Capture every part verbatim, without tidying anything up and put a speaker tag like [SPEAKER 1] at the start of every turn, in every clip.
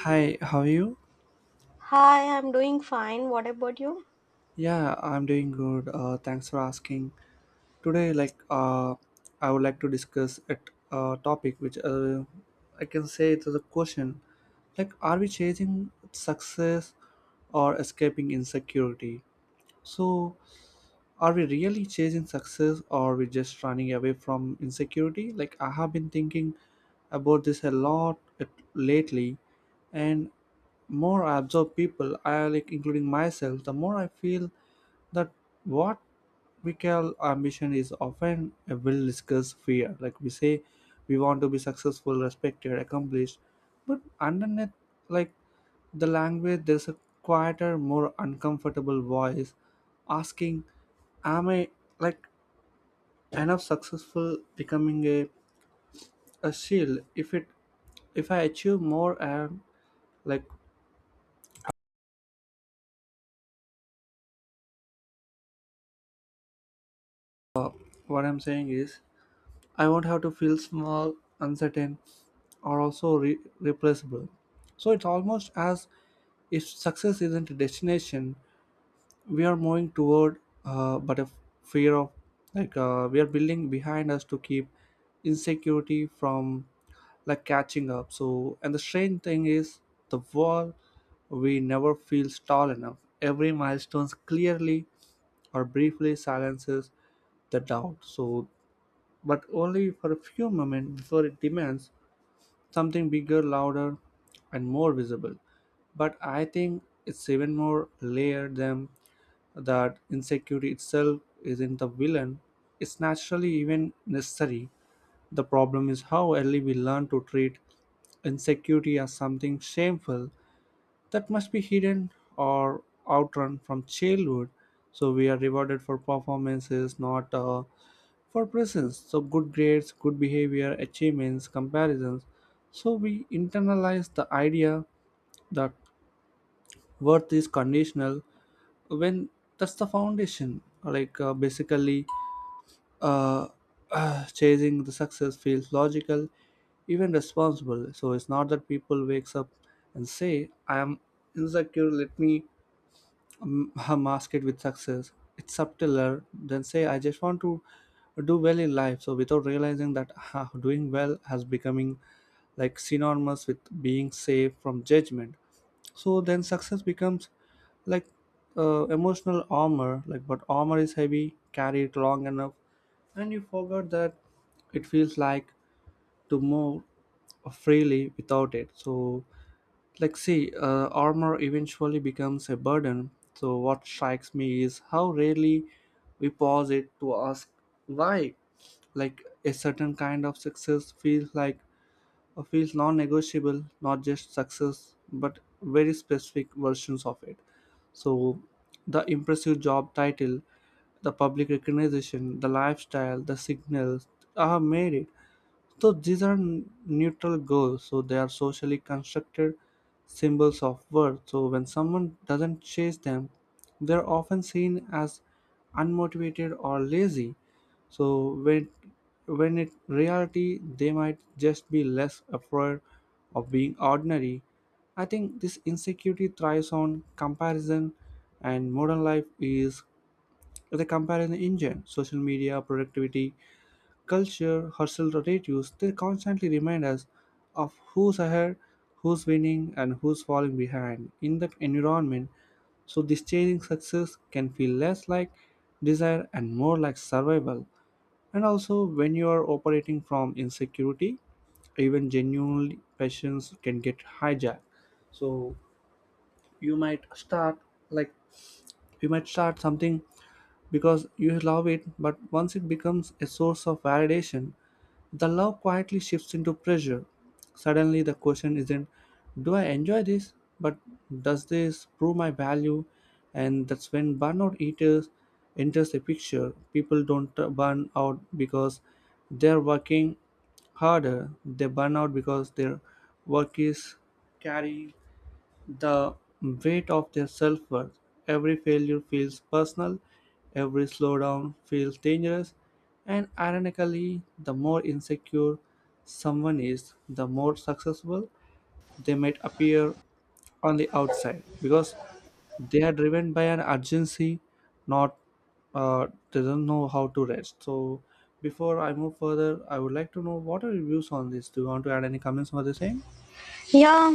[SPEAKER 1] Hi, how are you?
[SPEAKER 2] Hi, I'm doing fine. What about you?
[SPEAKER 1] Yeah, I'm doing good. Uh, thanks for asking. Today, like, uh, I would like to discuss a uh, topic which, uh, I can say, it is a question. Like, are we chasing success or escaping insecurity? So, are we really chasing success or are we just running away from insecurity? Like, I have been thinking about this a lot at- lately, and more I observe people, I like including myself, the more I feel that what we call ambition is often a well discussed fear. Like we say, we want to be successful, respected, accomplished, but underneath, like the language, there's a quieter, more uncomfortable voice asking, am I, like, enough? Successful becoming a, a shield, if it, if I achieve more, and like what I'm saying is I won't have to feel small, uncertain, or also re- replaceable. So it's almost as if success isn't a destination we are moving toward, uh, but a fear of, like uh, we are building behind us to keep insecurity from like catching up. So, and the strange thing is, the wall we never feels tall enough. Every milestone clearly or briefly silences the doubt, so, but only for a few moments before it demands something bigger, louder, and more visible. But I think it's even more layered than that. Insecurity itself isn't the villain, it's naturally even necessary. The problem is how early we learn to treat insecurity as something shameful that must be hidden or outrun from childhood. So we are rewarded for performances, not, uh, for presence. So good grades, good behavior, achievements, comparisons. So we internalize the idea that worth is conditional, when that's the foundation. Like, uh, basically, uh, uh, chasing the success feels logical, even responsible. So it's not that people wakes up and say, I am insecure, let me um, mask it with success. It's subtler than, say, I just want to do well in life. So without realizing that, doing well has becoming like synonymous with being safe from judgment. So then success becomes, like, uh, emotional armor. Like, but armor is heavy. Carry it long enough and you forgot that, it feels like to move freely without it. So like, see, uh, armor eventually becomes a burden. So what strikes me is how rarely we pause it to ask why. Like a certain kind of success feels like, uh, feels non-negotiable, not just success but very specific versions of it. So the impressive job title, the public recognition, the lifestyle, the signals are made it. So these are n- neutral goals. So they are socially constructed symbols of worth. So when someone doesn't chase them, they're often seen as unmotivated or lazy. So when when in reality they might just be less afraid of being ordinary. I think this insecurity thrives on comparison, and modern life is the comparison engine. Social media, productivity, culture herself, relatives, they constantly remind us of who's ahead, who's winning, and who's falling behind in that environment. So, this chasing success can feel less like desire and more like survival. And also, when you are operating from insecurity, even genuine passions can get hijacked. So, you might start like you might start something because you love it, but once it becomes a source of validation, the love quietly shifts into pressure. Suddenly, the question isn't, do I enjoy this, but, does this prove my value? And that's when burnout eaters enters the picture. People don't, uh, burn out because they're working harder, they burn out because their work is carrying the weight of their self-worth. Every failure feels personal, every slowdown feels dangerous, and ironically, the more insecure someone is, the more successful they might appear on the outside because they are driven by an urgency, not, uh, they don't know how to rest. So, before I move further, I would like to know, what are your views on this? Do you want to add any comments for the same?
[SPEAKER 2] Yeah,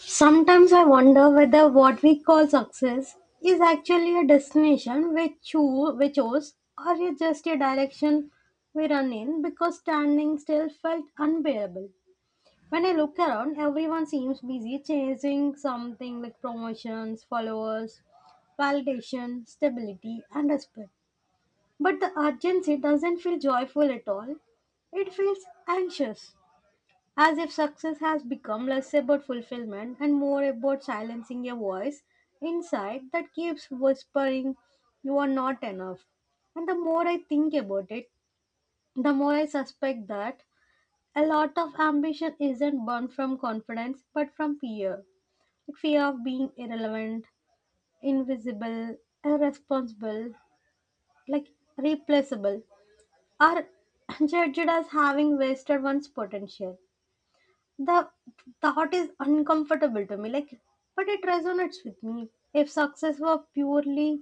[SPEAKER 2] sometimes I wonder whether what we call success is actually a destination we choose, we chose or it's just a direction we run in because standing still felt unbearable. When I look around, everyone seems busy chasing something like promotions, followers, validation, stability, and respect. But the urgency doesn't feel joyful at all. It feels anxious. As if success has become less about fulfillment and more about silencing a voice inside that keeps whispering, you are not enough. And the more I think about it, the more I suspect that a lot of ambition isn't born from confidence but from fear. Like fear of being irrelevant, invisible, irresponsible, like replaceable, or judged as having wasted one's potential. The thought is uncomfortable to me, like, but it resonates with me. If success were purely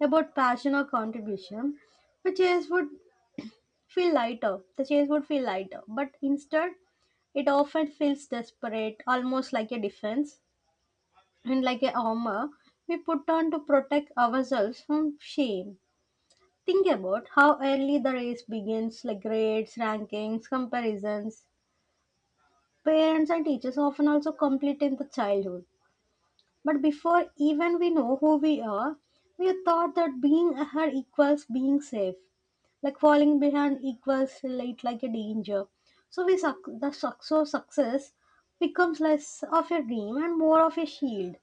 [SPEAKER 2] about passion or contribution, the chase would feel lighter the chase would feel lighter, but instead it often feels desperate, almost like a defense and like a armor we put on to protect ourselves from shame. Think about how early the race begins, like grades, rankings, comparisons. Parents and teachers often also complete in the childhood. But before even we know who we are, we are taught that being ahead equals being safe. Like falling behind equals late, like a danger. So we suc the suc- so success becomes less of a dream and more of a shield.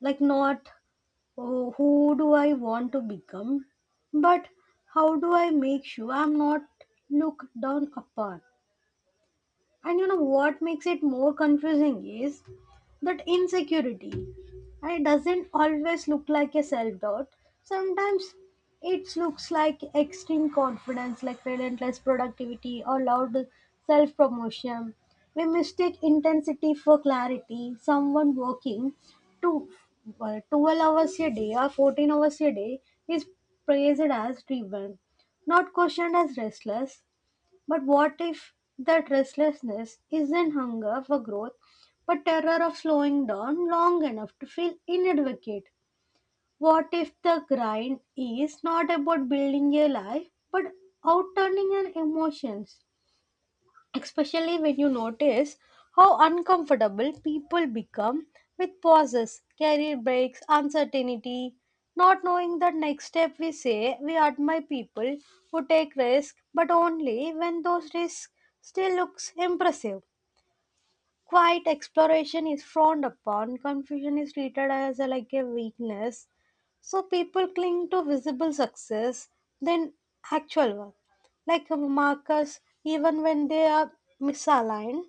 [SPEAKER 2] Like not, oh, who do I want to become, but how do I make sure I'm not looked down upon. And you know what makes it more confusing is that insecurity. And it doesn't always look like a self doubt. Sometimes it looks like extreme confidence, like relentless productivity or loud self promotion. We mistake intensity for clarity. Someone working to uh, twelve hours a day or fourteen hours a day is praised as driven, not questioned as restless. But what if that restlessness isn't hunger for growth, but terror of slowing down long enough to feel inadequate? What if the grind is not about building a life, but outturning an emotions? Especially when you notice how uncomfortable people become with pauses, career breaks, uncertainty, not knowing the next step. We say we admire people who take risks, but only when those risks still looks impressive. Quiet exploration is frowned upon. Confusion is treated as a, like a weakness. So people cling to visible success than actual work, like markers, even when they are misaligned,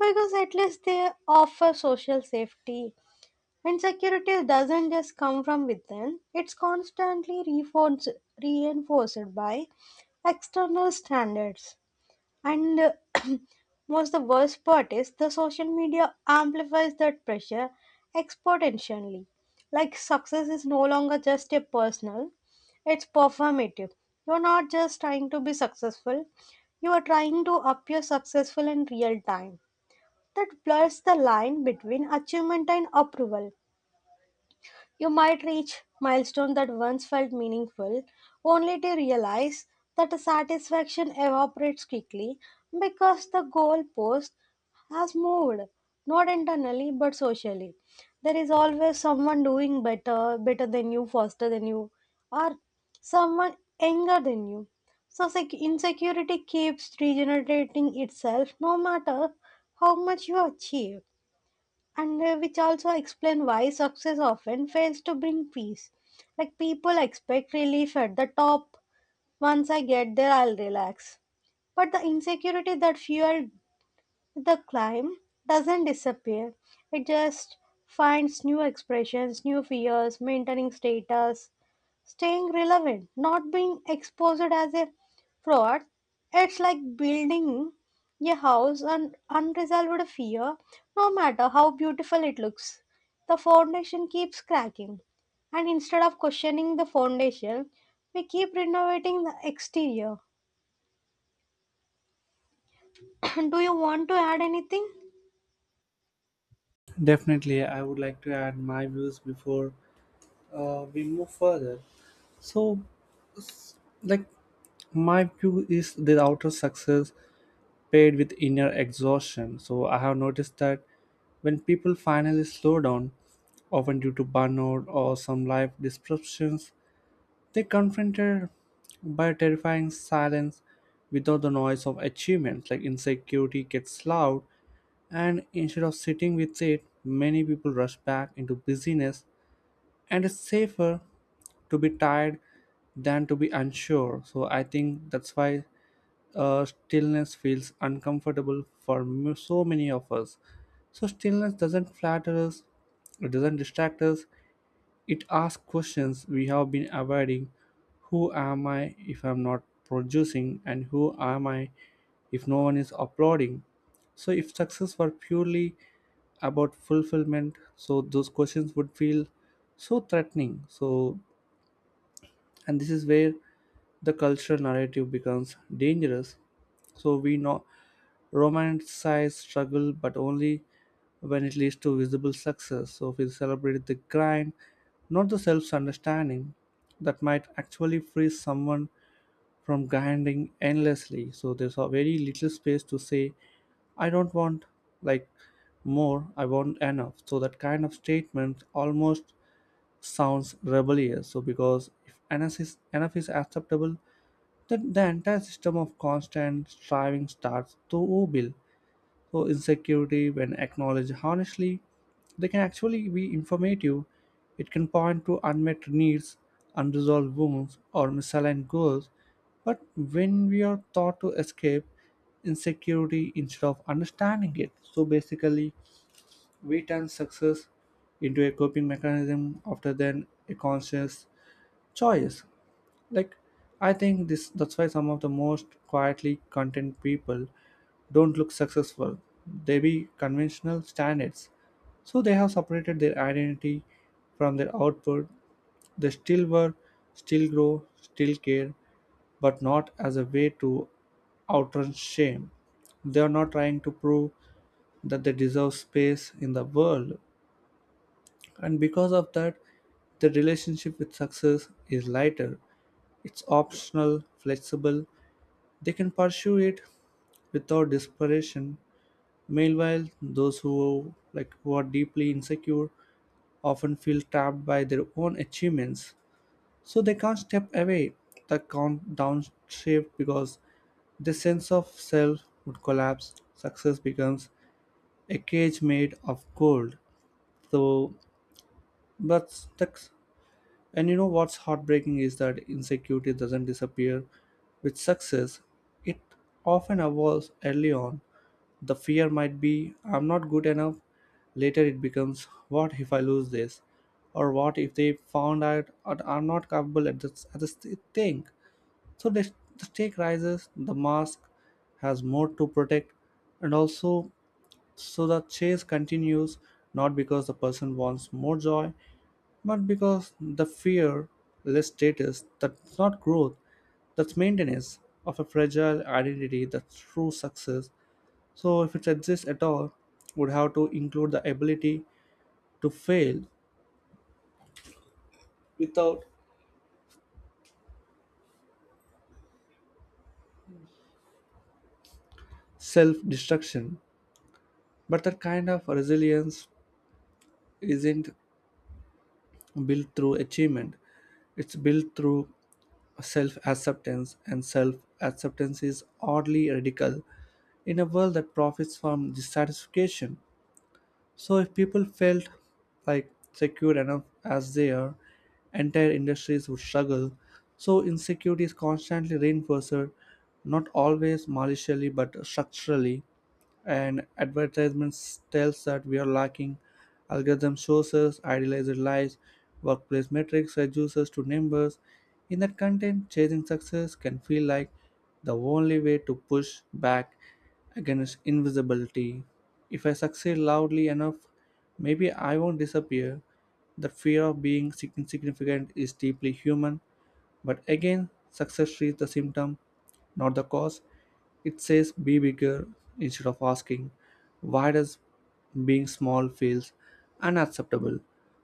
[SPEAKER 2] because at least they offer social safety. And security doesn't just come from within, it's constantly reinforced, reinforced by external standards. And uh, most the worst part is the social media amplifies that pressure exponentially. Like success is no longer just a personal, it's performative. You're not just trying to be successful, you are trying to appear successful in real time. That blurs the line between achievement and approval. You might reach milestone that once felt meaningful, only to realize that the satisfaction evaporates quickly because the goalpost has moved, not internally but socially. There is always someone doing better, better than you, faster than you, or someone younger than you. So sec- insecurity keeps regenerating itself no matter how much you achieve, and uh, which also explain why success often fails to bring peace. Like people expect relief at the top. Once I get there, I'll relax. But the insecurity that fueled the climb doesn't disappear, it just finds new expressions, new fears, maintaining status, staying relevant, not being exposed as a fraud. It's like building a house on unresolved fear, no matter how beautiful it looks. The foundation keeps cracking, and instead of questioning the foundation, we keep renovating the exterior. Do you want to add anything?
[SPEAKER 1] Definitely, I would like to add my views before, uh, we move further. So, like, my view is the outer success paired with inner exhaustion. So, I have noticed that when people finally slow down, often due to burnout or some life disruptions, they confronted by terrifying silence without the noise of achievement. Like, insecurity gets loud, and instead of sitting with it, many people rush back into busyness, and it's safer to be tired than to be unsure. So I think that's why, uh, stillness feels uncomfortable for m- so many of us. So stillness doesn't flatter us, it doesn't distract us, it asks questions we have been avoiding. Who am I if I'm not producing? And who am I if no one is uploading? So, if success were purely about fulfillment, so those questions would feel so threatening. So, and this is where the cultural narrative becomes dangerous. So, we know romanticize struggle, but only when it leads to visible success. So we celebrate the grind, not the self understanding that might actually free someone from grinding endlessly. So there's a very little space to say, I don't want, like, more, I want enough. So that kind of statement almost sounds rebellious. So because if enough is enough is acceptable, then the entire system of constant striving starts to wobble. So insecurity, when acknowledged honestly, they can actually be informative. It can point to unmet needs, unresolved wounds, or misaligned goals, but when we are taught to escape insecurity instead of understanding it, so basically we turn success into a coping mechanism after then a conscious choice. Like, I think this, that's why some of the most quietly content people don't look successful. They be conventional standards, so they have separated their identity from their output. They still work, still grow, still care, but not as a way to outrun shame. They are not trying to prove that they deserve space in the world, and because of that, the relationship with success is lighter. It's optional, flexible. They can pursue it without desperation. Meanwhile, those who, like, who are deeply insecure often feel trapped by their own achievements, so they can't step away, the count downshift, because the sense of self would collapse. Success becomes a cage made of gold. So, but the, and you know what's heartbreaking is that insecurity doesn't disappear with success, it often evolves early on. The fear might be, I'm not good enough. Later, it becomes, what if I lose this? Or what if they found out that I'm not capable at this, at this thing? So the, the stake rises, the mask has more to protect, and also, so the chase continues, not because the person wants more joy, but because the fear less status. That's not growth, that's maintenance of a fragile identity, that's true success. So if it exists at all, would have to include the ability to fail without self-destruction. But that kind of resilience isn't built through achievement. It's built through self acceptance, and self acceptance is oddly radical in a world that profits from dissatisfaction. So if people felt like secure enough as they are, entire industries would struggle. So insecurity is constantly reinforced, not always maliciously but structurally. And advertisements tells that we are lacking. Algorithm shows us idealized lives, workplace metrics reduce us to numbers. In that content, chasing success can feel like the only way to push back against invisibility. If I succeed loudly enough, maybe I won't disappear. The fear of being insignificant is deeply human, but again, success treats the symptom, not the cause. It says be bigger instead of asking, why does being small feels unacceptable.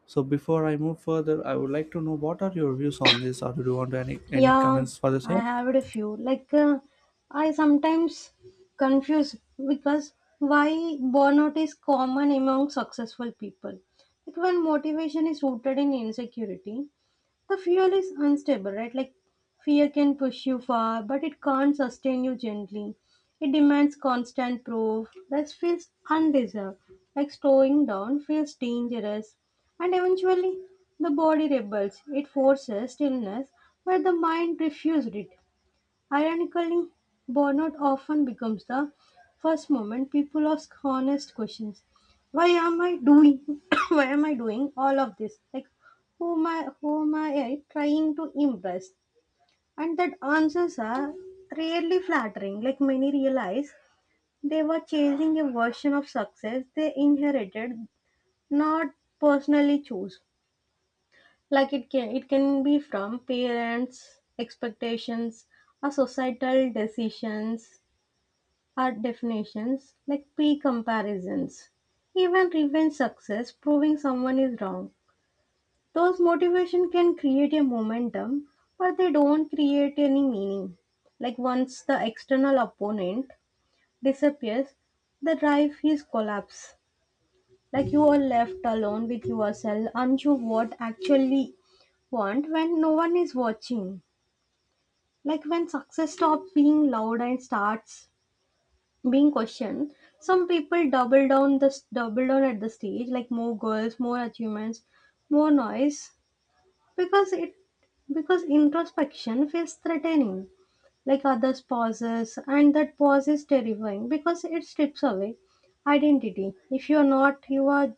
[SPEAKER 1] So before I move further, I would like to know, what are your views on this, or do you want any any
[SPEAKER 2] Yeah,
[SPEAKER 1] comments for the
[SPEAKER 2] I
[SPEAKER 1] same?
[SPEAKER 2] have a few. Like, uh, I sometimes confuse because why burnout is common among successful people. Like, when motivation is rooted in insecurity, the fuel is unstable, right? Like fear can push you far, but it can't sustain you gently. It demands constant proof. That feels undeserved. Like slowing down feels dangerous. And eventually, the body rebels. It forces stillness, but the mind refuses it. Ironically, burnout often becomes the first moment people ask honest questions. Why am I doing why am I doing all of this? Like who am I who am I eh, trying to impress? And that answers are rarely flattering. Like many realize they were chasing a version of success they inherited, not personally chose. Like it can it can be from parents expectations or societal decisions, our definitions, like pre-comparisons, even revenge success, proving someone is wrong. Those motivation can create a momentum, but they don't create any meaning. Like once the external opponent disappears, the drive is collapse. Like you are left alone with yourself, unsure what actually want when no one is watching. Like when success stops being loud and starts being questioned, some people double down, the double down at the stage, like more goals, more achievements, more noise, because it, because introspection feels threatening, like others pauses, and that pause is terrifying because it strips away identity. If you're not your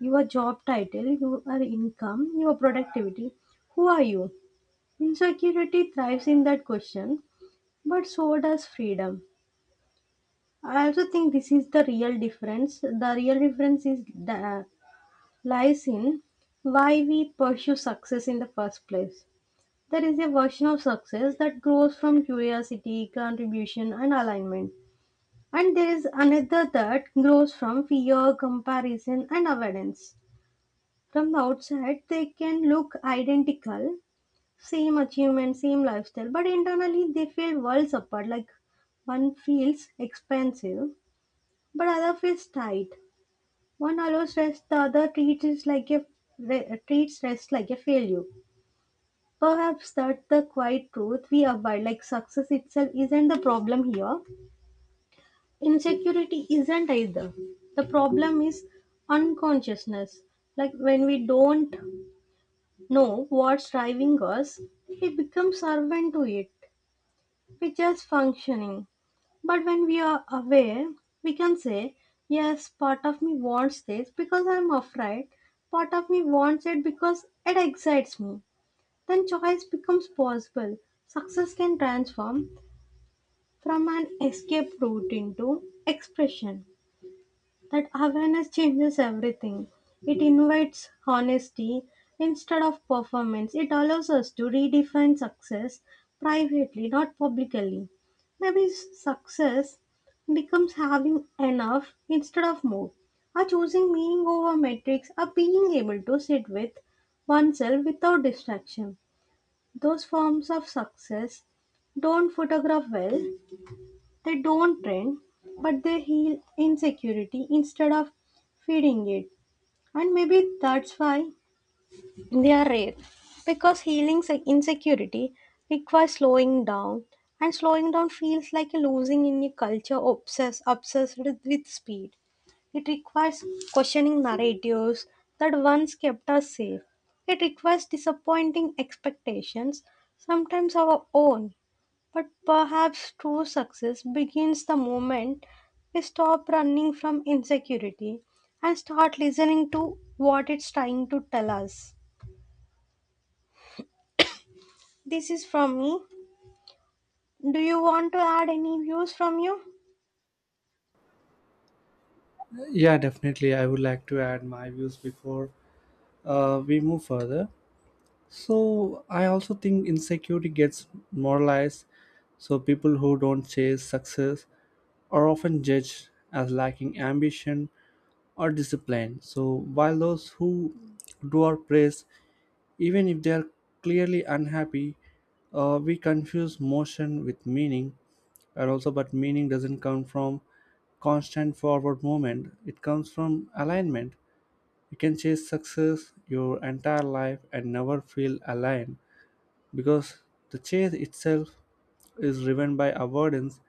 [SPEAKER 2] your job title, your income, your productivity, who are you? Insecurity thrives in that question, but so does freedom. I also think this is the real difference. The real difference is the, lies in why we pursue success in the first place. There is a version of success that grows from curiosity, contribution, and alignment, and there is another that grows from fear, comparison, and avoidance. From the outside, they can look identical, same achievement, same lifestyle, but internally they feel worlds apart. Like one feels expansive, but other feels tight. One allows rest, the other treats it like a re- treats rest like a failure. Perhaps that's the quiet truth we abide. Like success itself isn't the problem here. Insecurity isn't either. The problem is unconsciousness. Like when we don't know what's driving us, we become servant to it. We're just functioning. But when we are aware, we can say, yes, part of me wants this because I'm afraid, part of me wants it because it excites me. Then choice becomes possible. Success can transform from an escape route into expression. That awareness changes everything. It invites honesty instead of performance. It allows us to redefine success privately, not publicly. Maybe success becomes having enough instead of more, or choosing meaning over metrics, or being able to sit with oneself without distraction. Those forms of success don't photograph well, they don't trend, but they heal insecurity instead of feeding it. And maybe that's why they are rare. Because healing se- insecurity requires slowing down, and slowing down feels like a losing in a culture obsessed, obsessed with speed. It requires questioning narratives that once kept us safe. It requires disappointing expectations, sometimes our own, but perhaps true success begins the moment we stop running from insecurity and start listening to what it's trying to tell us. This is from me. Do you want to add any views from you?
[SPEAKER 1] Yeah, definitely. I would like to add my views before, uh, we move further. So I also think insecurity gets moralized. So people who don't chase success are often judged as lacking ambition or discipline, so while those who do are praised, even if they are clearly unhappy. Uh, we confuse motion with meaning, and also, but meaning doesn't come from constant forward movement, it comes from alignment. You can chase success your entire life and never feel aligned, because the chase itself is driven by avoidance,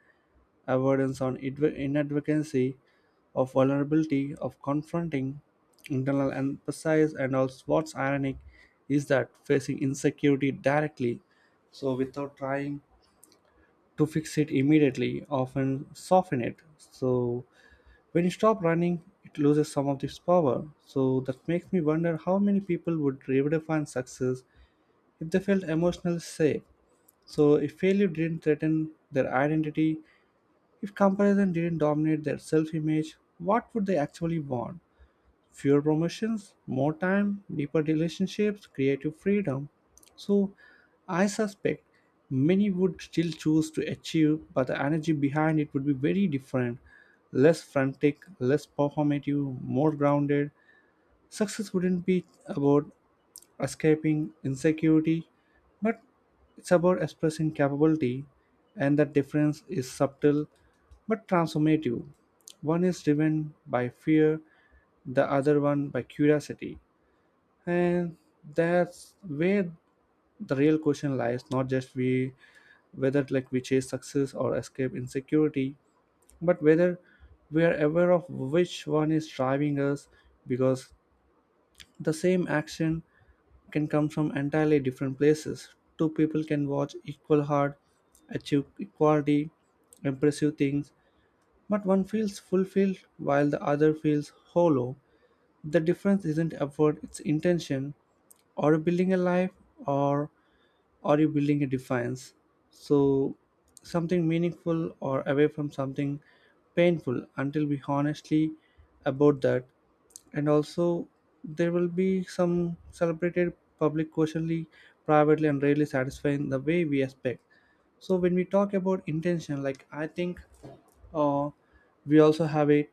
[SPEAKER 1] avoidance on inad- inadvocacy of vulnerability, of confronting internal emphasis. And also, what's ironic is that facing insecurity directly, so without trying to fix it immediately, often soften it. So when you stop running, it loses some of its power. So that makes me wonder how many people would redefine success if they felt emotionally safe. So if failure didn't threaten their identity, if comparison didn't dominate their self image, what would they actually want? Fewer promotions, more time, deeper relationships, creative freedom. So, I suspect many would still choose to achieve, but the energy behind it would be very different, less frantic, less performative, more grounded. Success wouldn't be about escaping insecurity, but it's about expressing capability, and that difference is subtle but transformative. One is driven by fear, the other one by curiosity, and that's where the real question lies, not just we whether like we chase success or escape insecurity, but whether we are aware of which one is driving us, because the same action can come from entirely different places. Two people can watch equal hard, achieve equality impressive things, but one feels fulfilled while the other feels hollow. The difference isn't upward, it's intention. Are you building a life, or are you building a defiance? So, something meaningful or away from something painful until we honestly about that. And also, there will be some celebrated public, questionly, privately, and rarely satisfying the way we expect. So, when we talk about intention, like I think uh, we also have a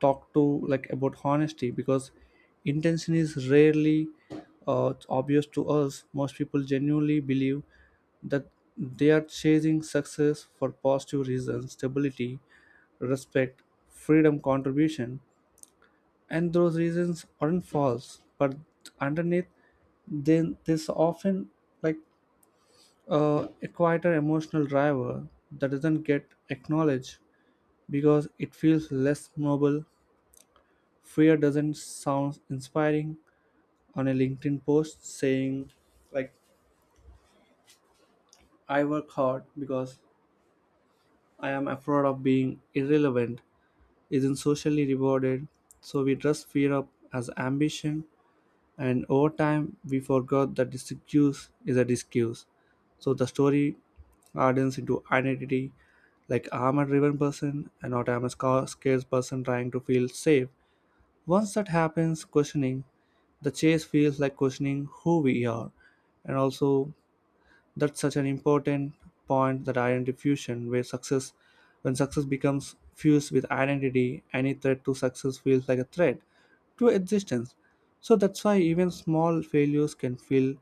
[SPEAKER 1] talk to like about honesty, because intention is rarely uh, obvious to us. Most people genuinely believe that they are chasing success for positive reasons: stability, respect, freedom, contribution. And those reasons aren't false, but underneath, then there's often like uh, a quieter emotional driver that doesn't get acknowledged because it feels less noble. Fear doesn't sound inspiring. On a LinkedIn post saying, like, I work hard because I am afraid of being irrelevant, isn't socially rewarded. So we dress fear up as ambition, and over time we forgot that this excuse is a disuse. So the story hardens into identity, like I'm a driven person, and not I'm a sca- scared person trying to feel safe. Once that happens, questioning the chase feels like questioning who we are. And also, that's such an important point, that identity fusion, where success, when success becomes fused with identity, any threat to success feels like a threat to existence. So that's why even small failures can feel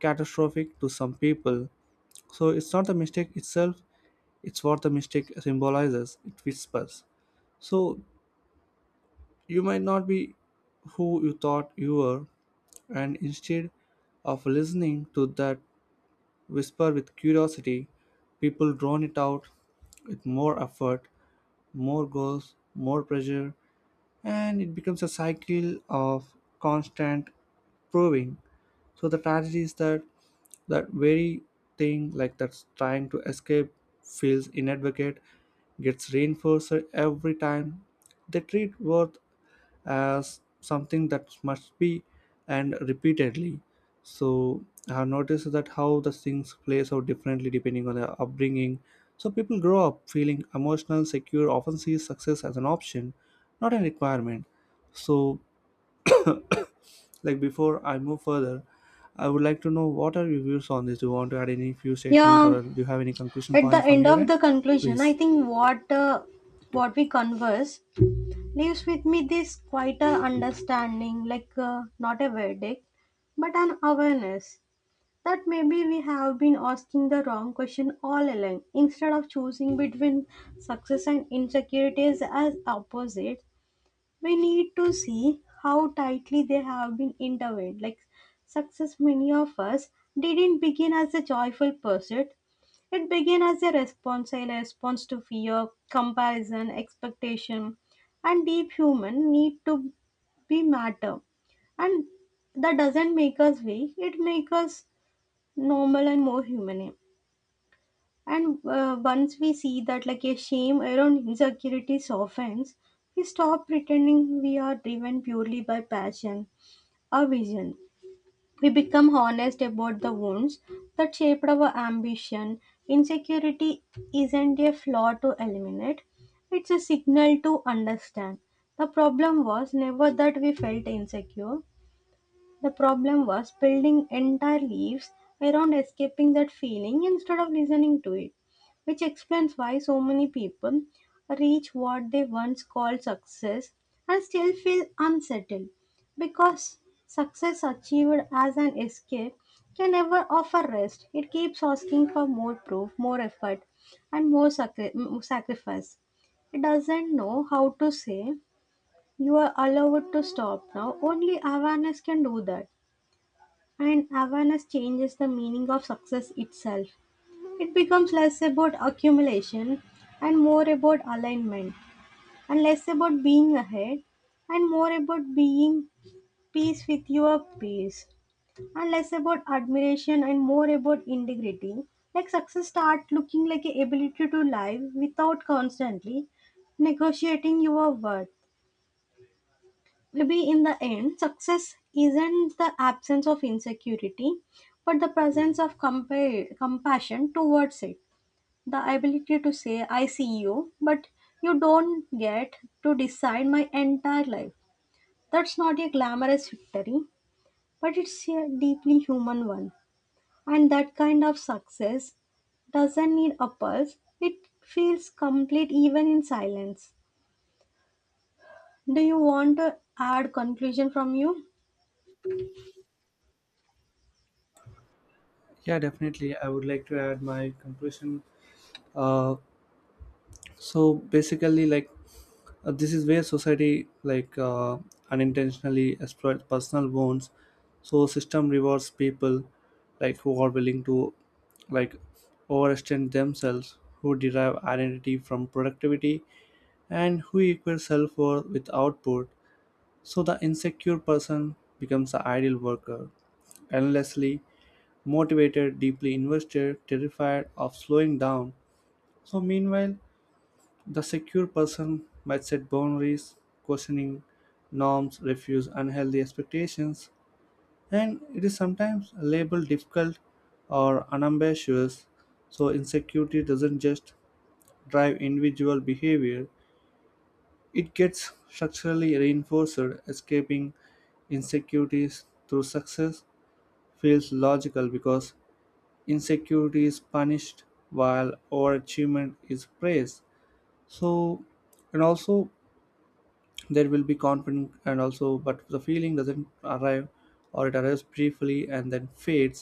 [SPEAKER 1] catastrophic to some people. So it's not the mistake itself, it's what the mistake symbolizes, it whispers. So you might not be who you thought you were, and instead of listening to that whisper with curiosity, people drown it out with more effort, more goals, more pressure, and it becomes a cycle of constant proving. So the tragedy is that that very thing like that's trying to escape feels inadvocate, gets reinforced every time. They treat worth as something that must be, and repeatedly. So I have noticed that how the things plays out differently depending on their upbringing. So people grow up feeling emotional secure often see success as an option, not a requirement. So, like before I move further, I would like to know, what are your views on this? Do you want to add any few statements,
[SPEAKER 2] Yeah,
[SPEAKER 1] or do you have any conclusion
[SPEAKER 2] at the
[SPEAKER 1] points from
[SPEAKER 2] end
[SPEAKER 1] your
[SPEAKER 2] of
[SPEAKER 1] end?
[SPEAKER 2] the conclusion, I
[SPEAKER 1] Please.
[SPEAKER 2] think what uh, what we converse leaves with me this quieter understanding, like, uh, not a verdict, but an awareness that maybe we have been asking the wrong question all along. Instead of choosing between success and insecurities as opposites, we need to see how tightly they have been intertwined. Like success, many of us didn't begin as a joyful pursuit. It began as a response, a response to fear, comparison, expectation, and deep human need to be matter. And that doesn't make us weak. It makes us normal and more human, yeah. And uh, once we see that, like a shame around insecurities softens, we stop pretending we are driven purely by passion or vision. We become honest about the wounds that shaped our ambition. Insecurity isn't a flaw to eliminate, it's a signal to understand. The problem was never that we felt insecure, the problem was building entire lives around escaping that feeling instead of listening to it, which explains why so many people reach what they once called success and still feel unsettled, because success achieved as an escape can never offer rest. It keeps asking for more proof, more effort, and more sacri- m- sacrifice. It doesn't know how to say, you are allowed to stop now. Only awareness can do that. And awareness changes the meaning of success itself. It becomes less about accumulation and more about alignment, and less about being ahead and more about being peace with your peace, and less about admiration and more about integrity. Like success start looking like a ability to live without constantly negotiating your worth. Maybe in the end, success isn't the absence of insecurity, but the presence of compa- compassion towards it. The ability to say, I see you, but you don't get to decide my entire life. That's not a glamorous victory, but it's a deeply human one. And that kind of success doesn't need a pulse, it feels complete even in silence. Do you want to add conclusion from you?
[SPEAKER 1] Yeah, definitely, I would like to add my conclusion. Uh, so basically, like Uh, this is where society, like uh, unintentionally exploits personal wounds. So system rewards people like who are willing to like overextend themselves, who derive identity from productivity, and who equate self-worth with output. So the insecure person becomes the ideal worker, endlessly motivated, deeply invested, terrified of slowing down. So meanwhile, the secure person might set boundaries, questioning norms, refuse unhealthy expectations, and it is sometimes labeled difficult or unambitious. So, insecurity doesn't just drive individual behavior, it gets structurally reinforced. Escaping insecurities through success feels logical because insecurity is punished while overachievement is praised. So, and also, there will be confident, and also but the feeling doesn't arrive, or it arrives briefly and then fades,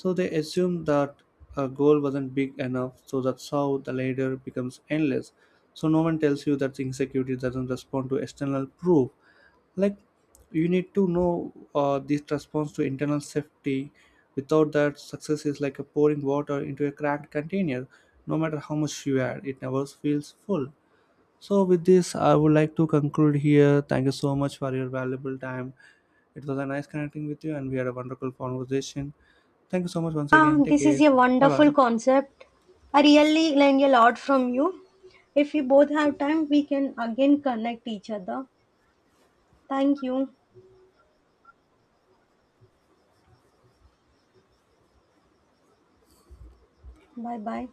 [SPEAKER 1] so they assume that a goal wasn't big enough. So that's how the ladder becomes endless. So no one tells you that insecurity doesn't respond to external proof. like you need to know, uh, this response to internal safety. Without that, success is like a pouring water into a cracked container. No matter how much you add, it never feels full. So, with this, I would like to conclude here. Thank you so much for your valuable time. It was a nice connecting with you, and we had a wonderful conversation. Thank you so much once
[SPEAKER 2] Ah,
[SPEAKER 1] again. Take
[SPEAKER 2] this is
[SPEAKER 1] care.
[SPEAKER 2] a
[SPEAKER 1] Bye
[SPEAKER 2] wonderful
[SPEAKER 1] bye.
[SPEAKER 2] concept. I really learned a lot from you. If we both have time, we can again connect each other. Thank you. Bye bye.